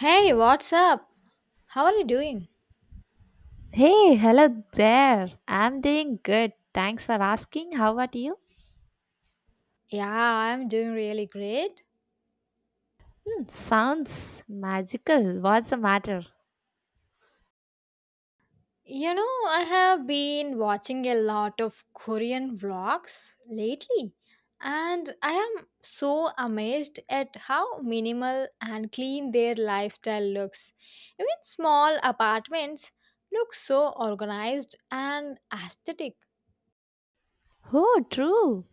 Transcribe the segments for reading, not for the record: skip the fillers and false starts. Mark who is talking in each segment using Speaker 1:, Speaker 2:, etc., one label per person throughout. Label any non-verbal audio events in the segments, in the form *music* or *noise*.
Speaker 1: Hey, what's up? How are you doing?
Speaker 2: Hey, hello there. I'm doing good. Thanks for asking. How about you?
Speaker 1: Yeah, I'm doing really great.
Speaker 2: Hmm, sounds magical. What's the matter?
Speaker 1: You know, I have been watching a lot of Korean vlogs lately, and I am so amazed at how minimal and clean their lifestyle looks. Even small apartments look so organized and aesthetic.
Speaker 2: Oh, true.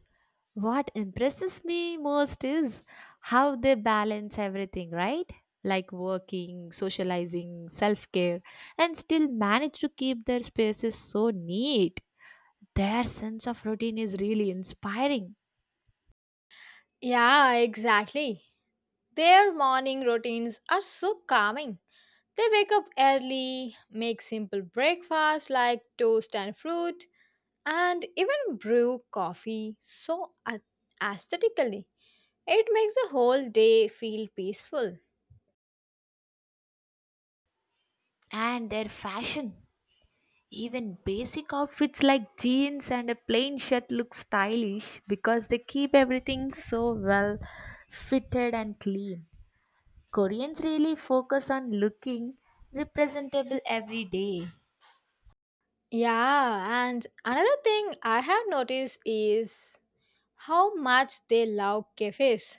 Speaker 2: What impresses me most is how they balance everything, right? Like working, socializing, self care, and still manage to keep their spaces so neat. Their sense of routine is really inspiring,
Speaker 1: Yeah, exactly. Their morning routines are so calming. They wake up early, make simple breakfast like toast and fruit, and even brew aesthetically. It makes the whole day feel peaceful.
Speaker 2: and their fashion. Even basic outfits like jeans and a plain shirt look stylish because they keep everything so well fitted and clean. Koreans really focus on looking representable every day.
Speaker 1: Yeah, and another thing I have noticed is how much they love cafes.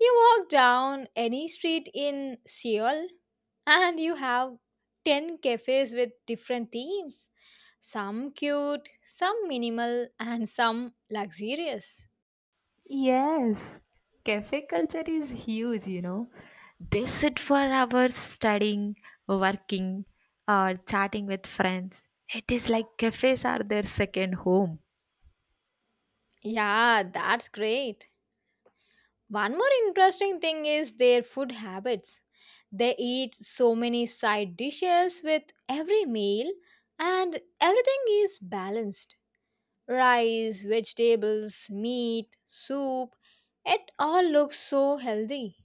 Speaker 1: You walk down any street in Seoul and you have 10 cafes with different themes. Some cute, some minimal, and some luxurious.
Speaker 2: Yes, cafe culture is huge, you know. They sit for hours studying, working, or chatting with friends. It is like cafes are their second home.
Speaker 1: Yeah, that's great. One more interesting thing is their food habits. They eat so many side dishes with every meal, and everything is balanced. Rice, vegetables, meat, soup, it all looks so healthy.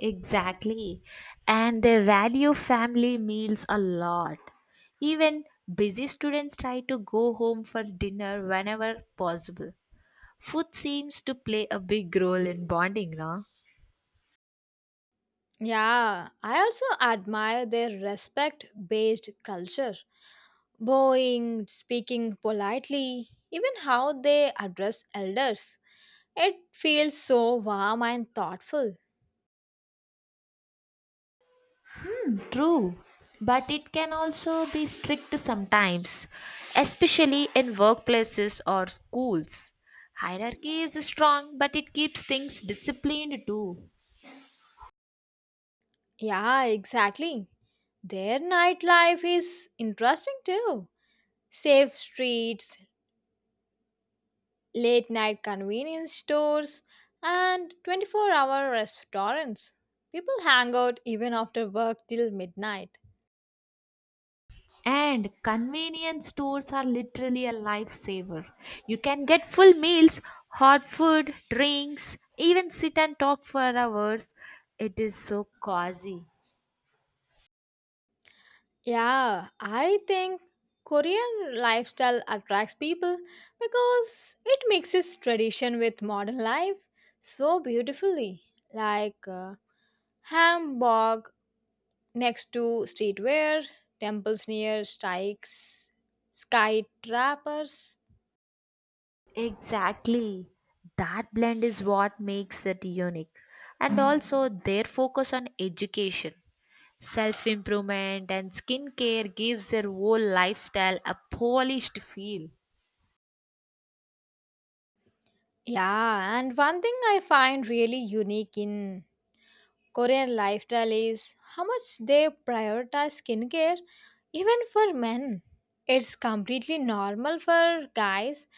Speaker 2: Exactly. And they value family meals a lot. Even busy students try to go home for dinner whenever possible. Food seems to play a big role in bonding, no?
Speaker 1: Yeah, I also admire their respect based culture. Bowing, speaking politely, even how they address elders. It feels so warm and thoughtful.
Speaker 2: True. But it can also be strict sometimes, especially in workplaces or schools. Hierarchy is strong, but it keeps things disciplined too.
Speaker 1: Yeah, exactly. Their nightlife is interesting too. Safe streets, late night convenience stores, and 24-hour restaurants. People hang out even after work till midnight.
Speaker 2: And convenience stores are literally a lifesaver. You can get full meals, hot food, drinks, even sit and talk for hours. It is so cozy.
Speaker 1: Yeah, I think Korean lifestyle attracts people because it mixes tradition with modern life so beautifully. Like Hamburg next to streetwear, temples near strikes, sky trappers.
Speaker 2: Exactly. That blend is what makes it unique. And also, their focus on education, self improvement, and skincare gives their whole lifestyle a polished feel.
Speaker 1: Yeah, and one thing I find really unique in Korean lifestyle is how much they prioritize skincare even for men. It's completely normal for guys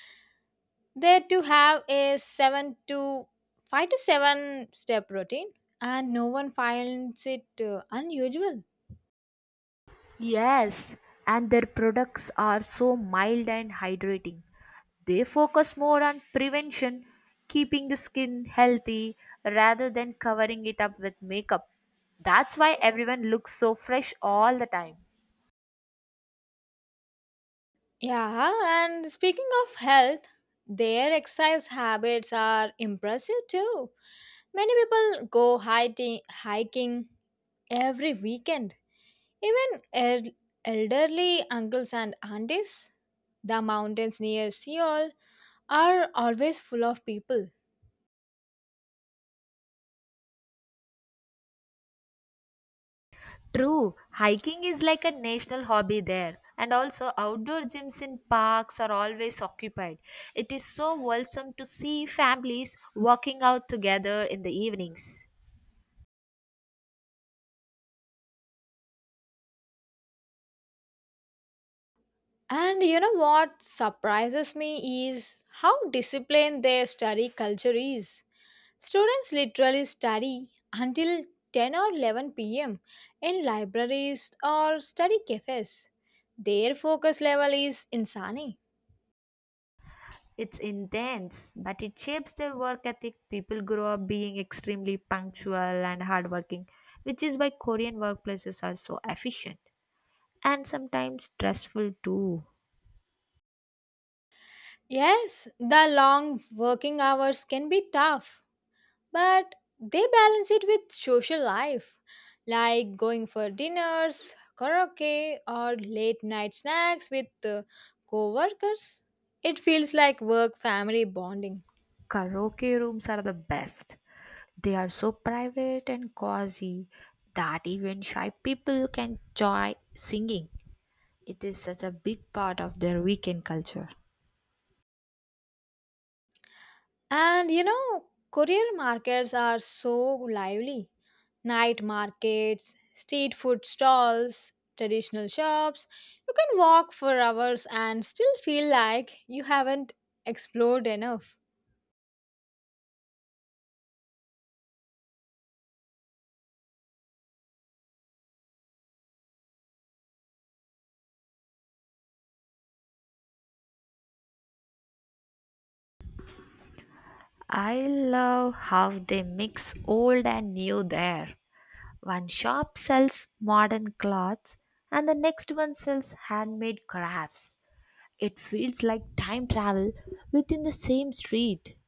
Speaker 1: there to have a 7 to 5 to 7 step routine and no one finds it unusual.
Speaker 2: Yes, and their products are so mild and hydrating. They focus more on prevention, keeping the skin healthy rather than covering it up with makeup. That's why everyone looks so fresh all the time.
Speaker 1: Yeah, and speaking of health, their exercise habits are impressive too. Many people go hiking every weekend, even elderly uncles and aunties. The mountains near Seoul are always full of people.
Speaker 2: True, hiking is like a national hobby there. And also, outdoor gyms in parks are always occupied. It is so wholesome to see families walking out together in the evenings.
Speaker 1: And you know what surprises me is how disciplined their study culture is. Students literally study until 10 or 11 p.m. in libraries or study cafes. Their focus level is insane.
Speaker 2: It's intense, but it shapes their work ethic. People grow up being extremely punctual and hardworking, which is why Korean workplaces are so efficient and sometimes stressful too.
Speaker 1: Yes, the long working hours can be tough, but they balance it with social life, like going for dinners, karaoke, or late night snacks with co-workers. It feels like work family bonding.
Speaker 2: Karaoke rooms are the best. They are so private and cozy that even shy people can enjoy singing. It is such a big part of their weekend culture.
Speaker 1: And you know, career markets are so lively. Night markets, street food stalls, traditional shops. You can walk for hours and still feel like you haven't explored enough.
Speaker 2: I love how they mix old and new there. One shop sells modern clothes and the next one sells handmade crafts. It feels like time travel within the same street.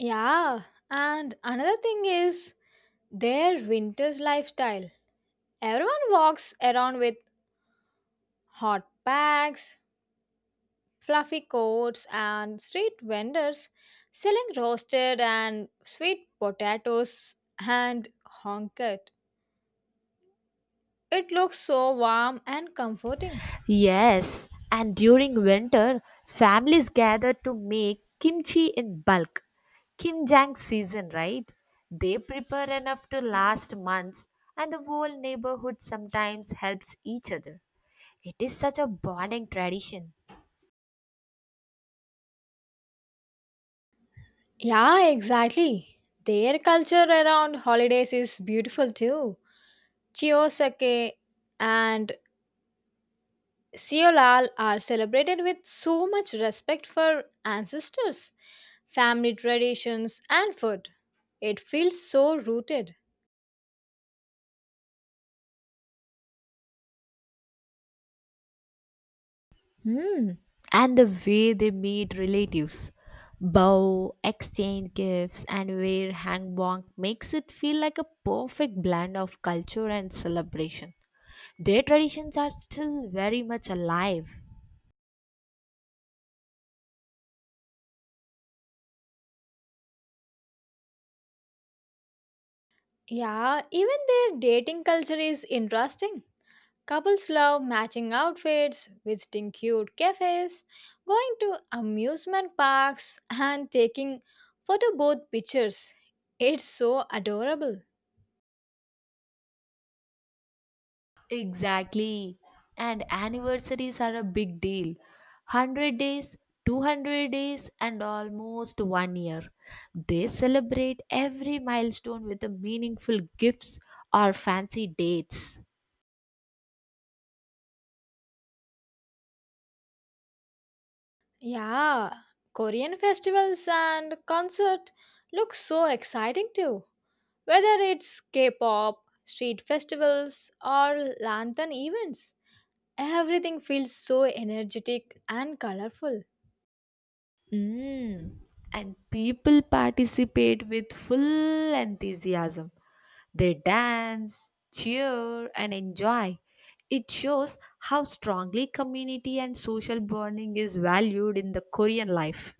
Speaker 1: Yeah, and another thing is their winter's lifestyle. Everyone walks around with hot packs, fluffy coats, and street vendors selling roasted and sweet potatoes and honkat. It looks so warm and comforting.
Speaker 2: Yes, and during winter, families gather to make kimchi in bulk. Kimjang season, right? They prepare enough to last months, and the whole neighborhood sometimes helps each other. It is such a bonding tradition.
Speaker 1: Yeah, exactly. Their culture around holidays is beautiful too. Chiyosake and Seolal are celebrated with so much respect for ancestors, family traditions, and food. It feels so rooted.
Speaker 2: Hmm. And the way they meet relatives, bow, exchange gifts, and wear hangbok makes it feel like a perfect blend of culture and celebration. Their traditions are still very much alive.
Speaker 1: Yeah, even their dating culture is interesting. Couples love matching outfits, visiting cute cafes, going to amusement parks, and taking photo booth pictures. It's so adorable.
Speaker 2: Exactly. And anniversaries are a big deal. 100 days, 200 days, and almost one year. They celebrate every milestone with a meaningful gifts or fancy dates.
Speaker 1: Yeah, Korean festivals and concert look so exciting too. Whether it's K-pop, street festivals, or lantern events, everything feels so energetic and colorful.
Speaker 2: Mm. And people participate with full enthusiasm. They dance, cheer, and enjoy. It shows how strongly community and social bonding is valued in the Korean life.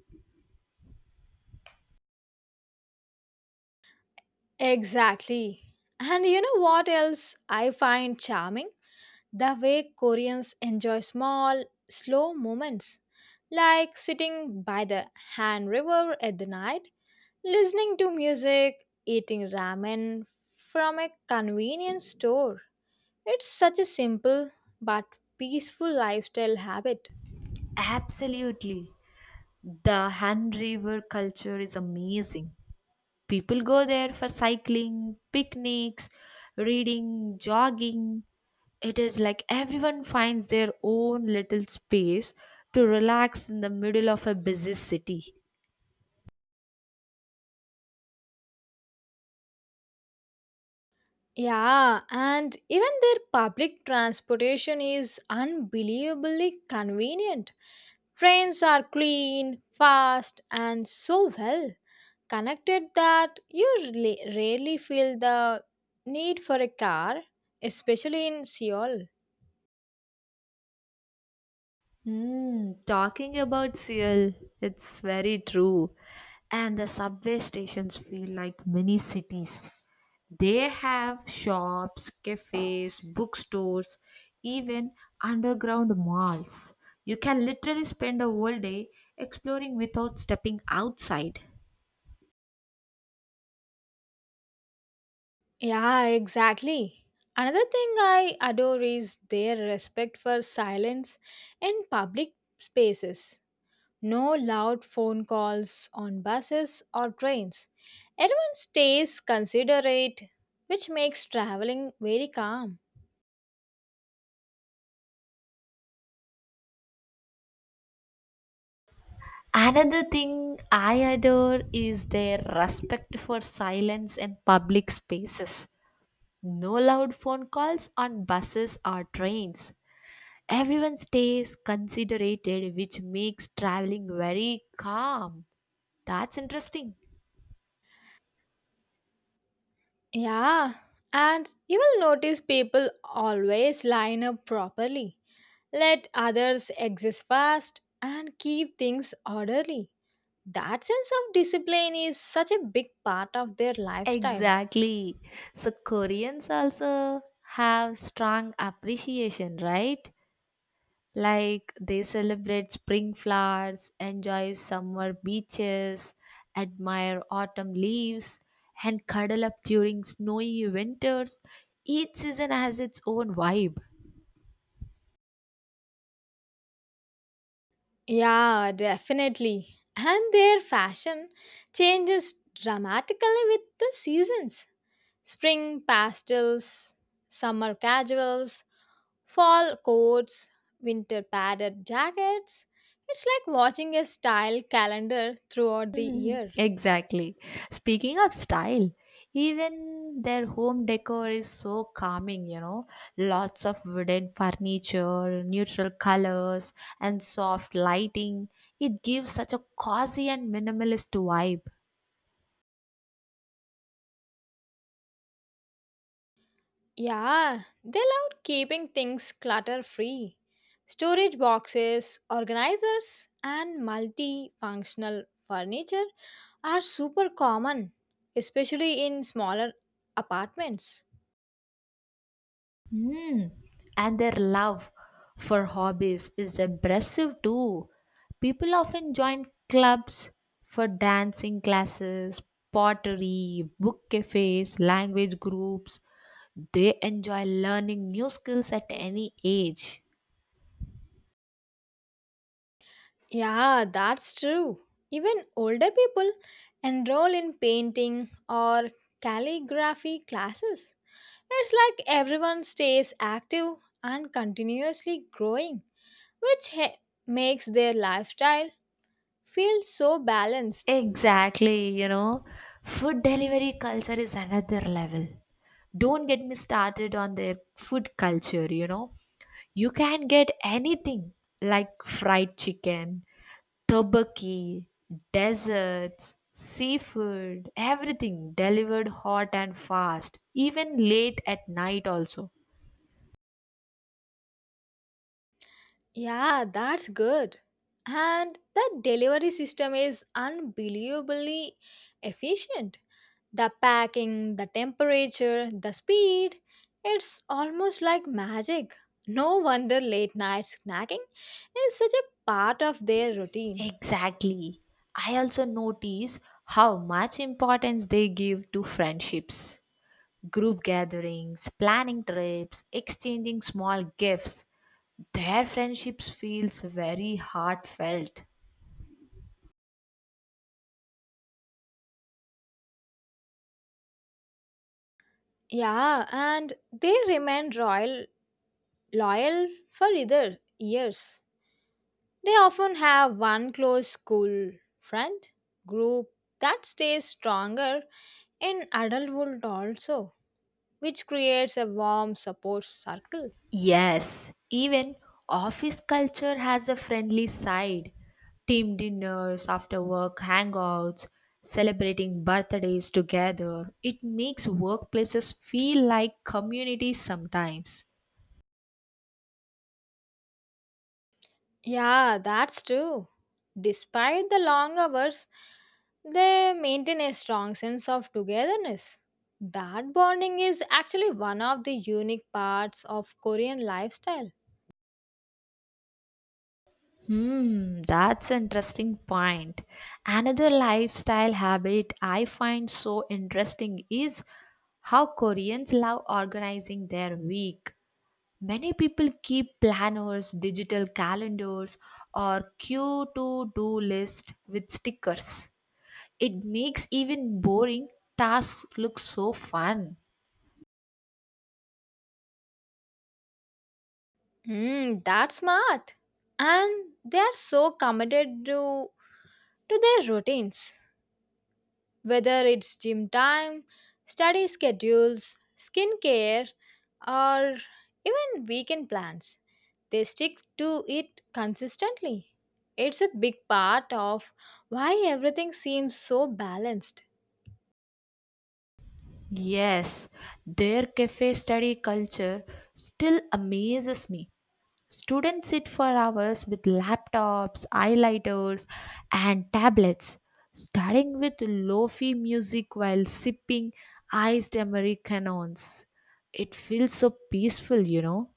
Speaker 1: Exactly. And you know what else I find charming? The way Koreans enjoy small, slow moments, like sitting by the Han River at the night, listening to music, eating ramen from a convenience store. It's such a simple but peaceful lifestyle habit.
Speaker 2: Absolutely. The Han River culture is amazing. People go there for cycling, picnics, reading, jogging. It is like everyone finds their own little space to relax in the middle of a busy city.
Speaker 1: Yeah, and even their public transportation is unbelievably convenient. Trains are clean, fast, and so well connected that you rarely feel the need for a car, especially in Seoul.
Speaker 2: Hmm, talking about Seoul, it's very true. And the subway stations feel like mini cities. They have shops, cafes, bookstores, even underground malls. You can literally spend a whole day exploring without stepping outside.
Speaker 1: Yeah, exactly. Another thing I adore is their respect for silence in public spaces. No loud phone calls on buses or trains. Everyone stays considerate, which makes traveling very calm.
Speaker 2: Another thing I adore is their respect for silence and public spaces. No loud phone calls on buses or trains. Everyone stays considerate, which makes traveling very calm. That's interesting.
Speaker 1: Yeah, and you will notice people always line up properly, let others exist first, and keep things orderly. That sense of discipline is such a big part of their lifestyle.
Speaker 2: Exactly. So Koreans also have strong appreciation, right? Like they celebrate spring flowers, enjoy summer beaches, admire autumn leaves, and cuddle up during snowy winters. Each season has its own vibe.
Speaker 1: Yeah, definitely. And their fashion changes dramatically with the seasons. Spring pastels, summer casuals, fall coats, winter padded jackets. It's like watching a style calendar throughout the
Speaker 2: *laughs*
Speaker 1: year.
Speaker 2: Exactly. Speaking of style, even their home decor is so calming, you know. Lots of wooden furniture, neutral colors, and soft lighting. It gives such a cozy and minimalist vibe.
Speaker 1: Yeah, they love keeping things clutter free. Storage boxes, organizers, and multifunctional furniture are super common, especially in smaller apartments.
Speaker 2: Hmm. And their love for hobbies is impressive too. People often join clubs for dancing classes, pottery, book cafes, language groups. They enjoy learning new skills at any age.
Speaker 1: Yeah, that's true. Even older people enroll in painting or calligraphy classes. It's like everyone stays active and continuously growing, which he- makes their lifestyle feels so balanced.
Speaker 2: Exactly, you know. Food delivery culture is another level. Don't get me started on their food culture, you know. You can get anything like fried chicken, Tobaki, deserts seafood, everything delivered hot and fast, even late at night also.
Speaker 1: Yeah, that's good. And the delivery system is unbelievably efficient. The packing, the temperature, the speed, it's almost like magic. No wonder late night snacking is such a part of their routine.
Speaker 2: Exactly. I also notice how much importance they give to friendships, group gatherings, planning trips, exchanging small gifts. Their friendships feels very heartfelt.
Speaker 1: Yeah, and they remain royal loyal for either years. They often have one close school friend group that stays stronger in adulthood also, which creates a warm support circle.
Speaker 2: Yes, even office culture has a friendly side. Team dinners, after work hangouts, celebrating birthdays together. It makes workplaces feel like communities sometimes.
Speaker 1: Yeah, that's true. Despite the long hours, they maintain a strong sense of togetherness. That bonding is actually one of the unique parts of Korean lifestyle.
Speaker 2: Hmm, that's an interesting point. Another lifestyle habit I find so interesting is how Koreans love organizing their week. Many people keep planners, digital calendars, or queue to do list with stickers. It makes even boring tasks look so fun.
Speaker 1: Mm, that's smart. And they are so committed to their routines. Whether it's gym time, study schedules, skincare, or even weekend plans, they stick to it consistently. It's a big part of why everything seems so balanced.
Speaker 2: Yes, their cafe study culture still amazes me. Students sit for hours with laptops, highlighters, and tablets, studying with lo-fi music while sipping iced Americanos. It feels so peaceful, you know.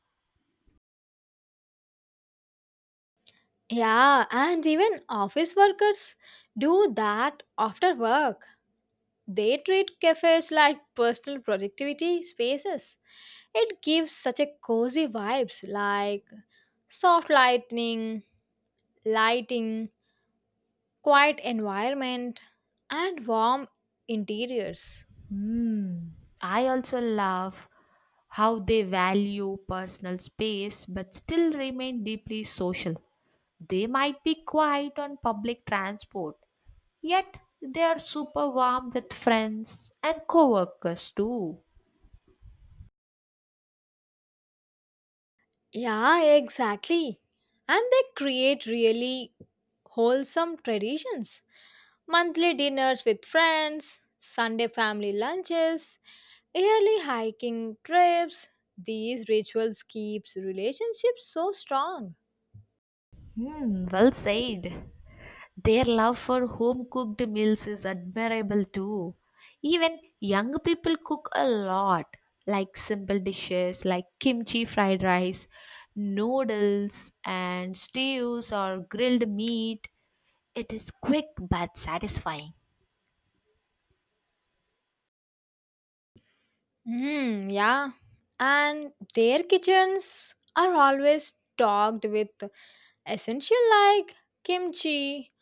Speaker 1: Yeah, and even office workers do that after work. They treat cafes like personal productivity spaces. It gives such a cozy vibes like soft lighting, quiet environment, and warm interiors.
Speaker 2: Hmm. I also love how they value personal space but still remain deeply social. They might be quiet on public transport, yet they are super warm with friends and coworkers too.
Speaker 1: Yeah, exactly. And they create really wholesome traditions. Monthly dinners with friends, Sunday family lunches, yearly hiking trips. These rituals keeps relationships so strong.
Speaker 2: Hmm, well said. Their love for home cooked meals is admirable too. Even young people cook a lot, like simple dishes like kimchi fried rice, noodles, and stews or grilled meat. It is quick but satisfying.
Speaker 1: Hmm, yeah. And their kitchens are always stocked with essential like kimchi,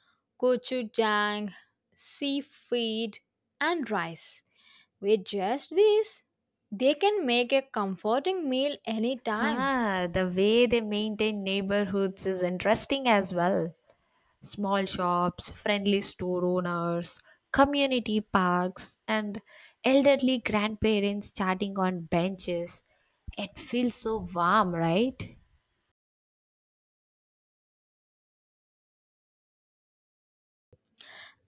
Speaker 1: gochujang, seafood, and rice. With just these, they can make a comforting meal anytime.
Speaker 2: Huh, the way they maintain neighborhoods is interesting as well. Small shops, friendly store owners, community parks, and elderly grandparents chatting on benches. It feels so warm, right?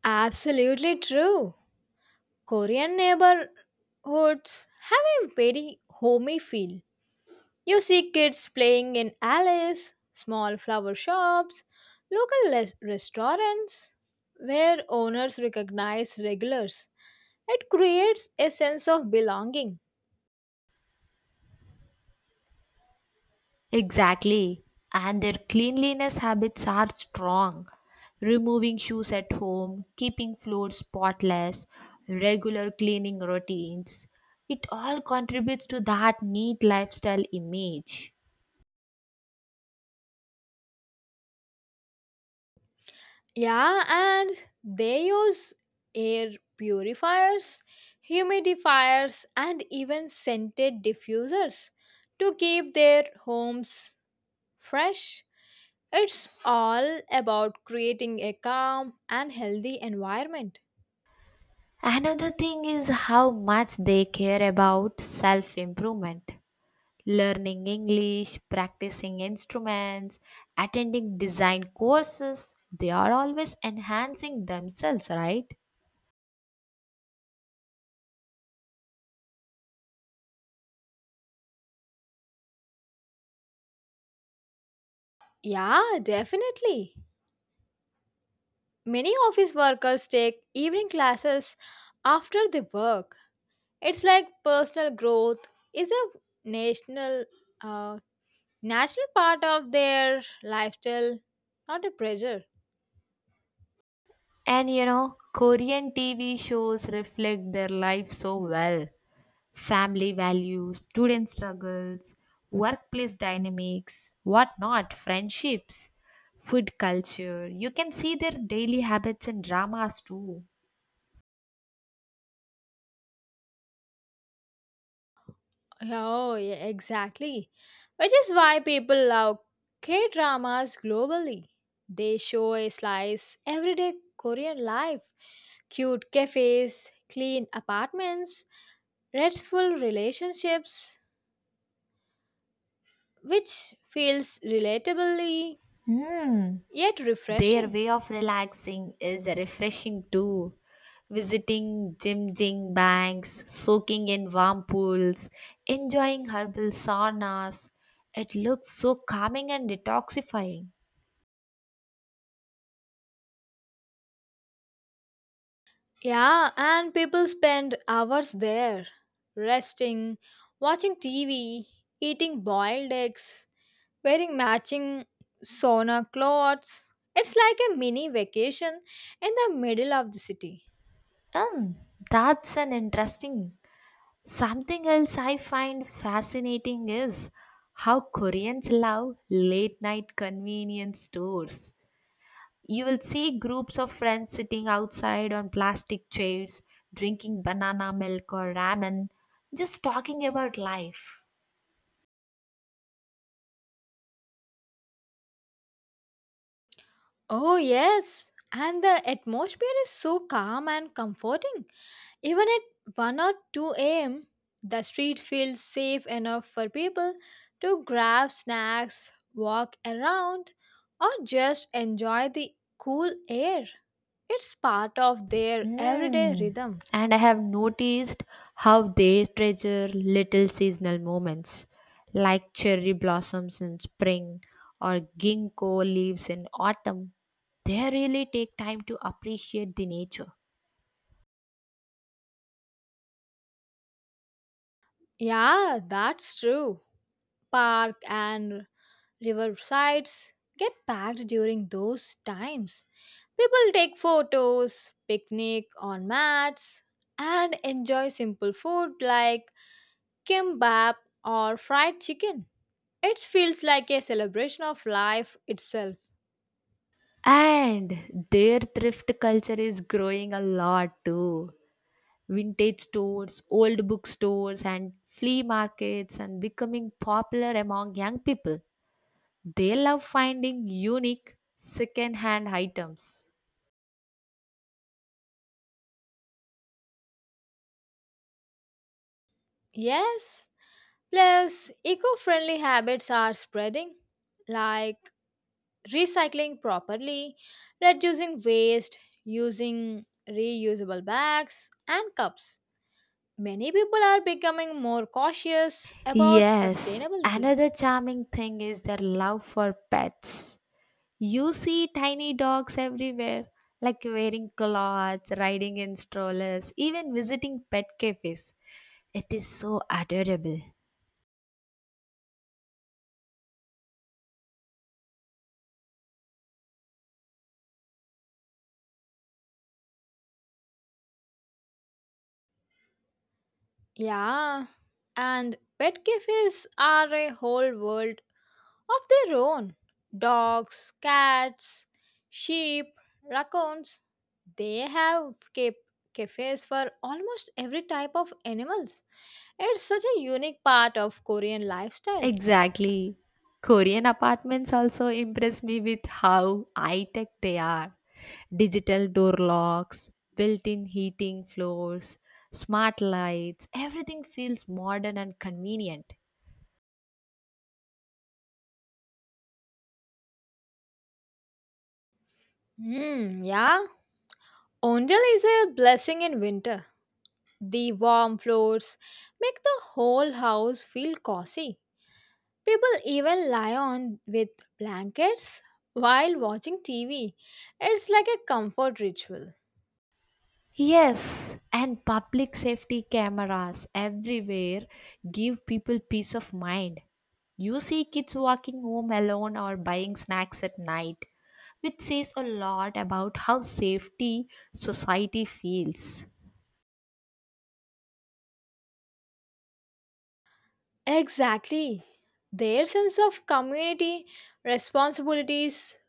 Speaker 1: Absolutely true. Korean neighborhoods have a very homey feel. You see kids playing in alleys, small flower shops, local restaurants where owners recognize regulars. It creates a sense of belonging.
Speaker 2: Exactly. And their cleanliness habits are strong. Removing shoes at home, keeping floors spotless, regular cleaning routines. It all contributes to that neat lifestyle image.
Speaker 1: Yeah, and they use air purifiers, humidifiers, and even scented diffusers to keep their homes fresh. It's all about creating a calm and healthy environment.
Speaker 2: Another thing is how much they care about self improvement. Learning English, practicing instruments, attending design courses, they are always enhancing themselves, right?
Speaker 1: Yeah, definitely. Many office workers take evening classes after they work. It's like personal growth is a national, uh, natural part of their lifestyle, not a pressure.
Speaker 2: And you know, Korean TV shows reflect their life so well family values, student struggles, workplace dynamics, whatnot, friendships, food culture. You can see their daily habits in dramas too.
Speaker 1: Oh, yeah, exactly. Which is why people love K dramas globally. They show a slice everyday Korean life, cute cafes, clean apartments, restful relationships, which feels relatably
Speaker 2: Hmm.
Speaker 1: yet
Speaker 2: Their
Speaker 1: refreshing.
Speaker 2: way of relaxing is refreshing too. Visiting Jim Jing banks, soaking in warm pools, enjoying herbal saunas. It looks so calming and detoxifying.
Speaker 1: Yeah, and people spend hours there, resting, watching TV, eating boiled eggs, wearing matching sauna clothes. It's like a mini vacation in the middle of the city.
Speaker 2: Hmm, that's an interesting. Something else I find fascinating is how Koreans love late night convenience stores. You will see groups of friends sitting outside on plastic chairs, drinking banana milk or ramen, just talking about life.
Speaker 1: Oh, yes. And the atmosphere is so calm and comforting. Even at 1 or 2 a.m., the street feels safe enough for people to grab snacks, walk around, or just enjoy the cool air. It's part of their everyday
Speaker 2: Mm.
Speaker 1: rhythm.
Speaker 2: And I have noticed how they treasure little seasonal moments like cherry blossoms in spring or ginkgo leaves in autumn. They really take time to appreciate the nature.
Speaker 1: Yeah, that's true. Park and Riversides get packed during those times. People take photos, picnic on mats, and enjoy simple food like kimbap or fried chicken. It feels like a celebration of life itself.
Speaker 2: And their thrift culture is growing a lot too. Vintage stores, old bookstores, and flea markets and becoming popular among young people. They love finding unique second-hand items.
Speaker 1: Yes, plus eco friendly habits are spreading, like recycling properly, reducing waste, using reusable bags and cups. Many people are becoming more cautious about
Speaker 2: Yes,
Speaker 1: sustainability.
Speaker 2: another charming thing is their love for pets. You see tiny dogs everywhere, like wearing clothes, riding in strollers, even visiting pet cafes. It is so adorable.
Speaker 1: Yeah, and pet cafes are a whole world of their own. Dogs, cats, sheep, raccoons. They have kept cafes for almost every type of animals. It's such a unique part of Korean lifestyle.
Speaker 2: Exactly. Korean apartments also impress me with how high tech they are. Digital door locks, built in heating floors, smart lights, everything feels modern and convenient.
Speaker 1: Hmm, yeah. Onjal is a blessing in winter. The warm floors make the whole house feel cozy. People even lie on with blankets while watching TV. It's like a comfort ritual.
Speaker 2: Yes, and public safety cameras everywhere give people peace of mind. You see kids walking home alone or buying snacks at night, which says a lot about how safety society feels.
Speaker 1: Exactly. Their sense of community responsibilities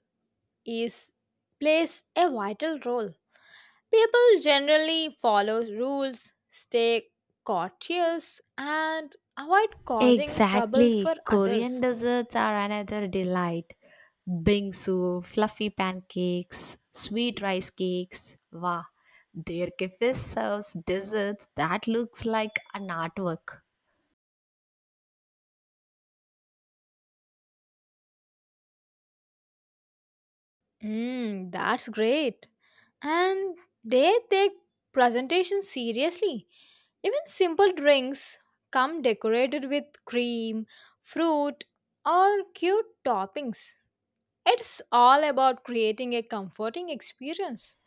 Speaker 1: is plays a vital role. People generally follow rules, stay courteous, and avoid causing trouble for
Speaker 2: Exactly. Korean
Speaker 1: others.
Speaker 2: desserts are another delight. Bingsu, fluffy pancakes, sweet rice cakes. Wow. Their cafe serves desserts that looks like an artwork.
Speaker 1: Mm, that's great. And they take presentation seriously. Even simple drinks come decorated with cream, fruit, or cute toppings. It's all about creating a comforting experience.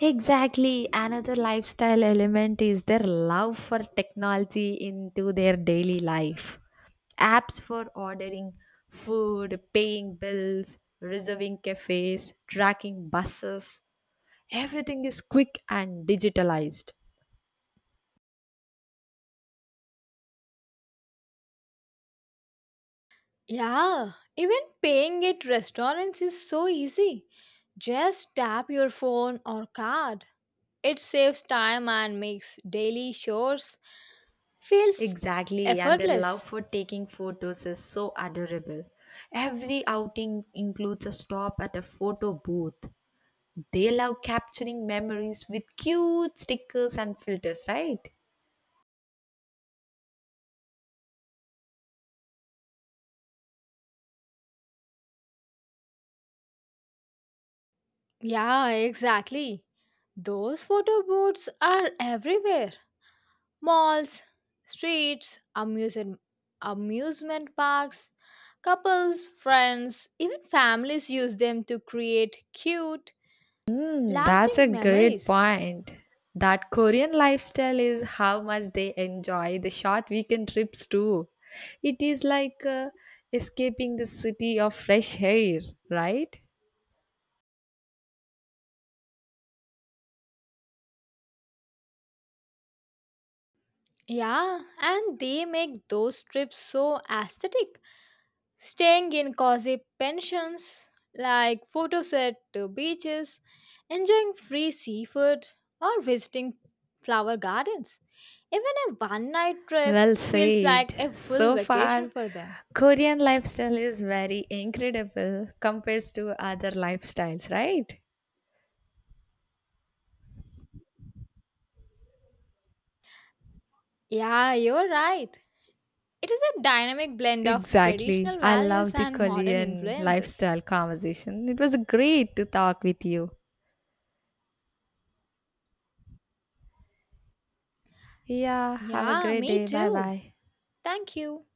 Speaker 2: Exactly. Another lifestyle element is their love for technology into their daily life. Apps for ordering food, paying bills, reserving cafes, tracking buses. Everything is quick and digitalized.
Speaker 1: Yeah, even paying at restaurants is so easy. Just tap your phone or card. It saves time and makes daily chores feels
Speaker 2: Exactly, and their love
Speaker 1: effortless.
Speaker 2: for taking photos is so adorable. Every outing includes a stop at a photo booth. They love capturing memories with cute stickers and filters, right?
Speaker 1: Yeah, exactly. Those photo booths are everywhere. Malls, streets, amusement parks. Couples, friends, even families use them to create cute,
Speaker 2: Hmm, that's a
Speaker 1: lasting
Speaker 2: great
Speaker 1: memories.
Speaker 2: point. That Korean lifestyle is how much they enjoy the short weekend trips too. It is like escaping the city of fresh air, right?
Speaker 1: Yeah, and they make those trips so aesthetic. Staying in cozy pensions like photoset to beaches, enjoying free seafood, or visiting flower gardens. Even a one night trip
Speaker 2: Well
Speaker 1: feels like
Speaker 2: said.
Speaker 1: a full
Speaker 2: So
Speaker 1: vacation
Speaker 2: far,
Speaker 1: for them.
Speaker 2: Korean lifestyle is very incredible compared to other lifestyles, right?
Speaker 1: Yeah, you're right. It is a dynamic blend of
Speaker 2: Exactly.
Speaker 1: traditional
Speaker 2: I love
Speaker 1: values
Speaker 2: the
Speaker 1: and modern
Speaker 2: Korean
Speaker 1: influences.
Speaker 2: lifestyle conversation. It was great to talk with you. Yeah, have a
Speaker 1: Yeah,
Speaker 2: great
Speaker 1: me
Speaker 2: day. Bye
Speaker 1: too.
Speaker 2: bye.
Speaker 1: Thank you.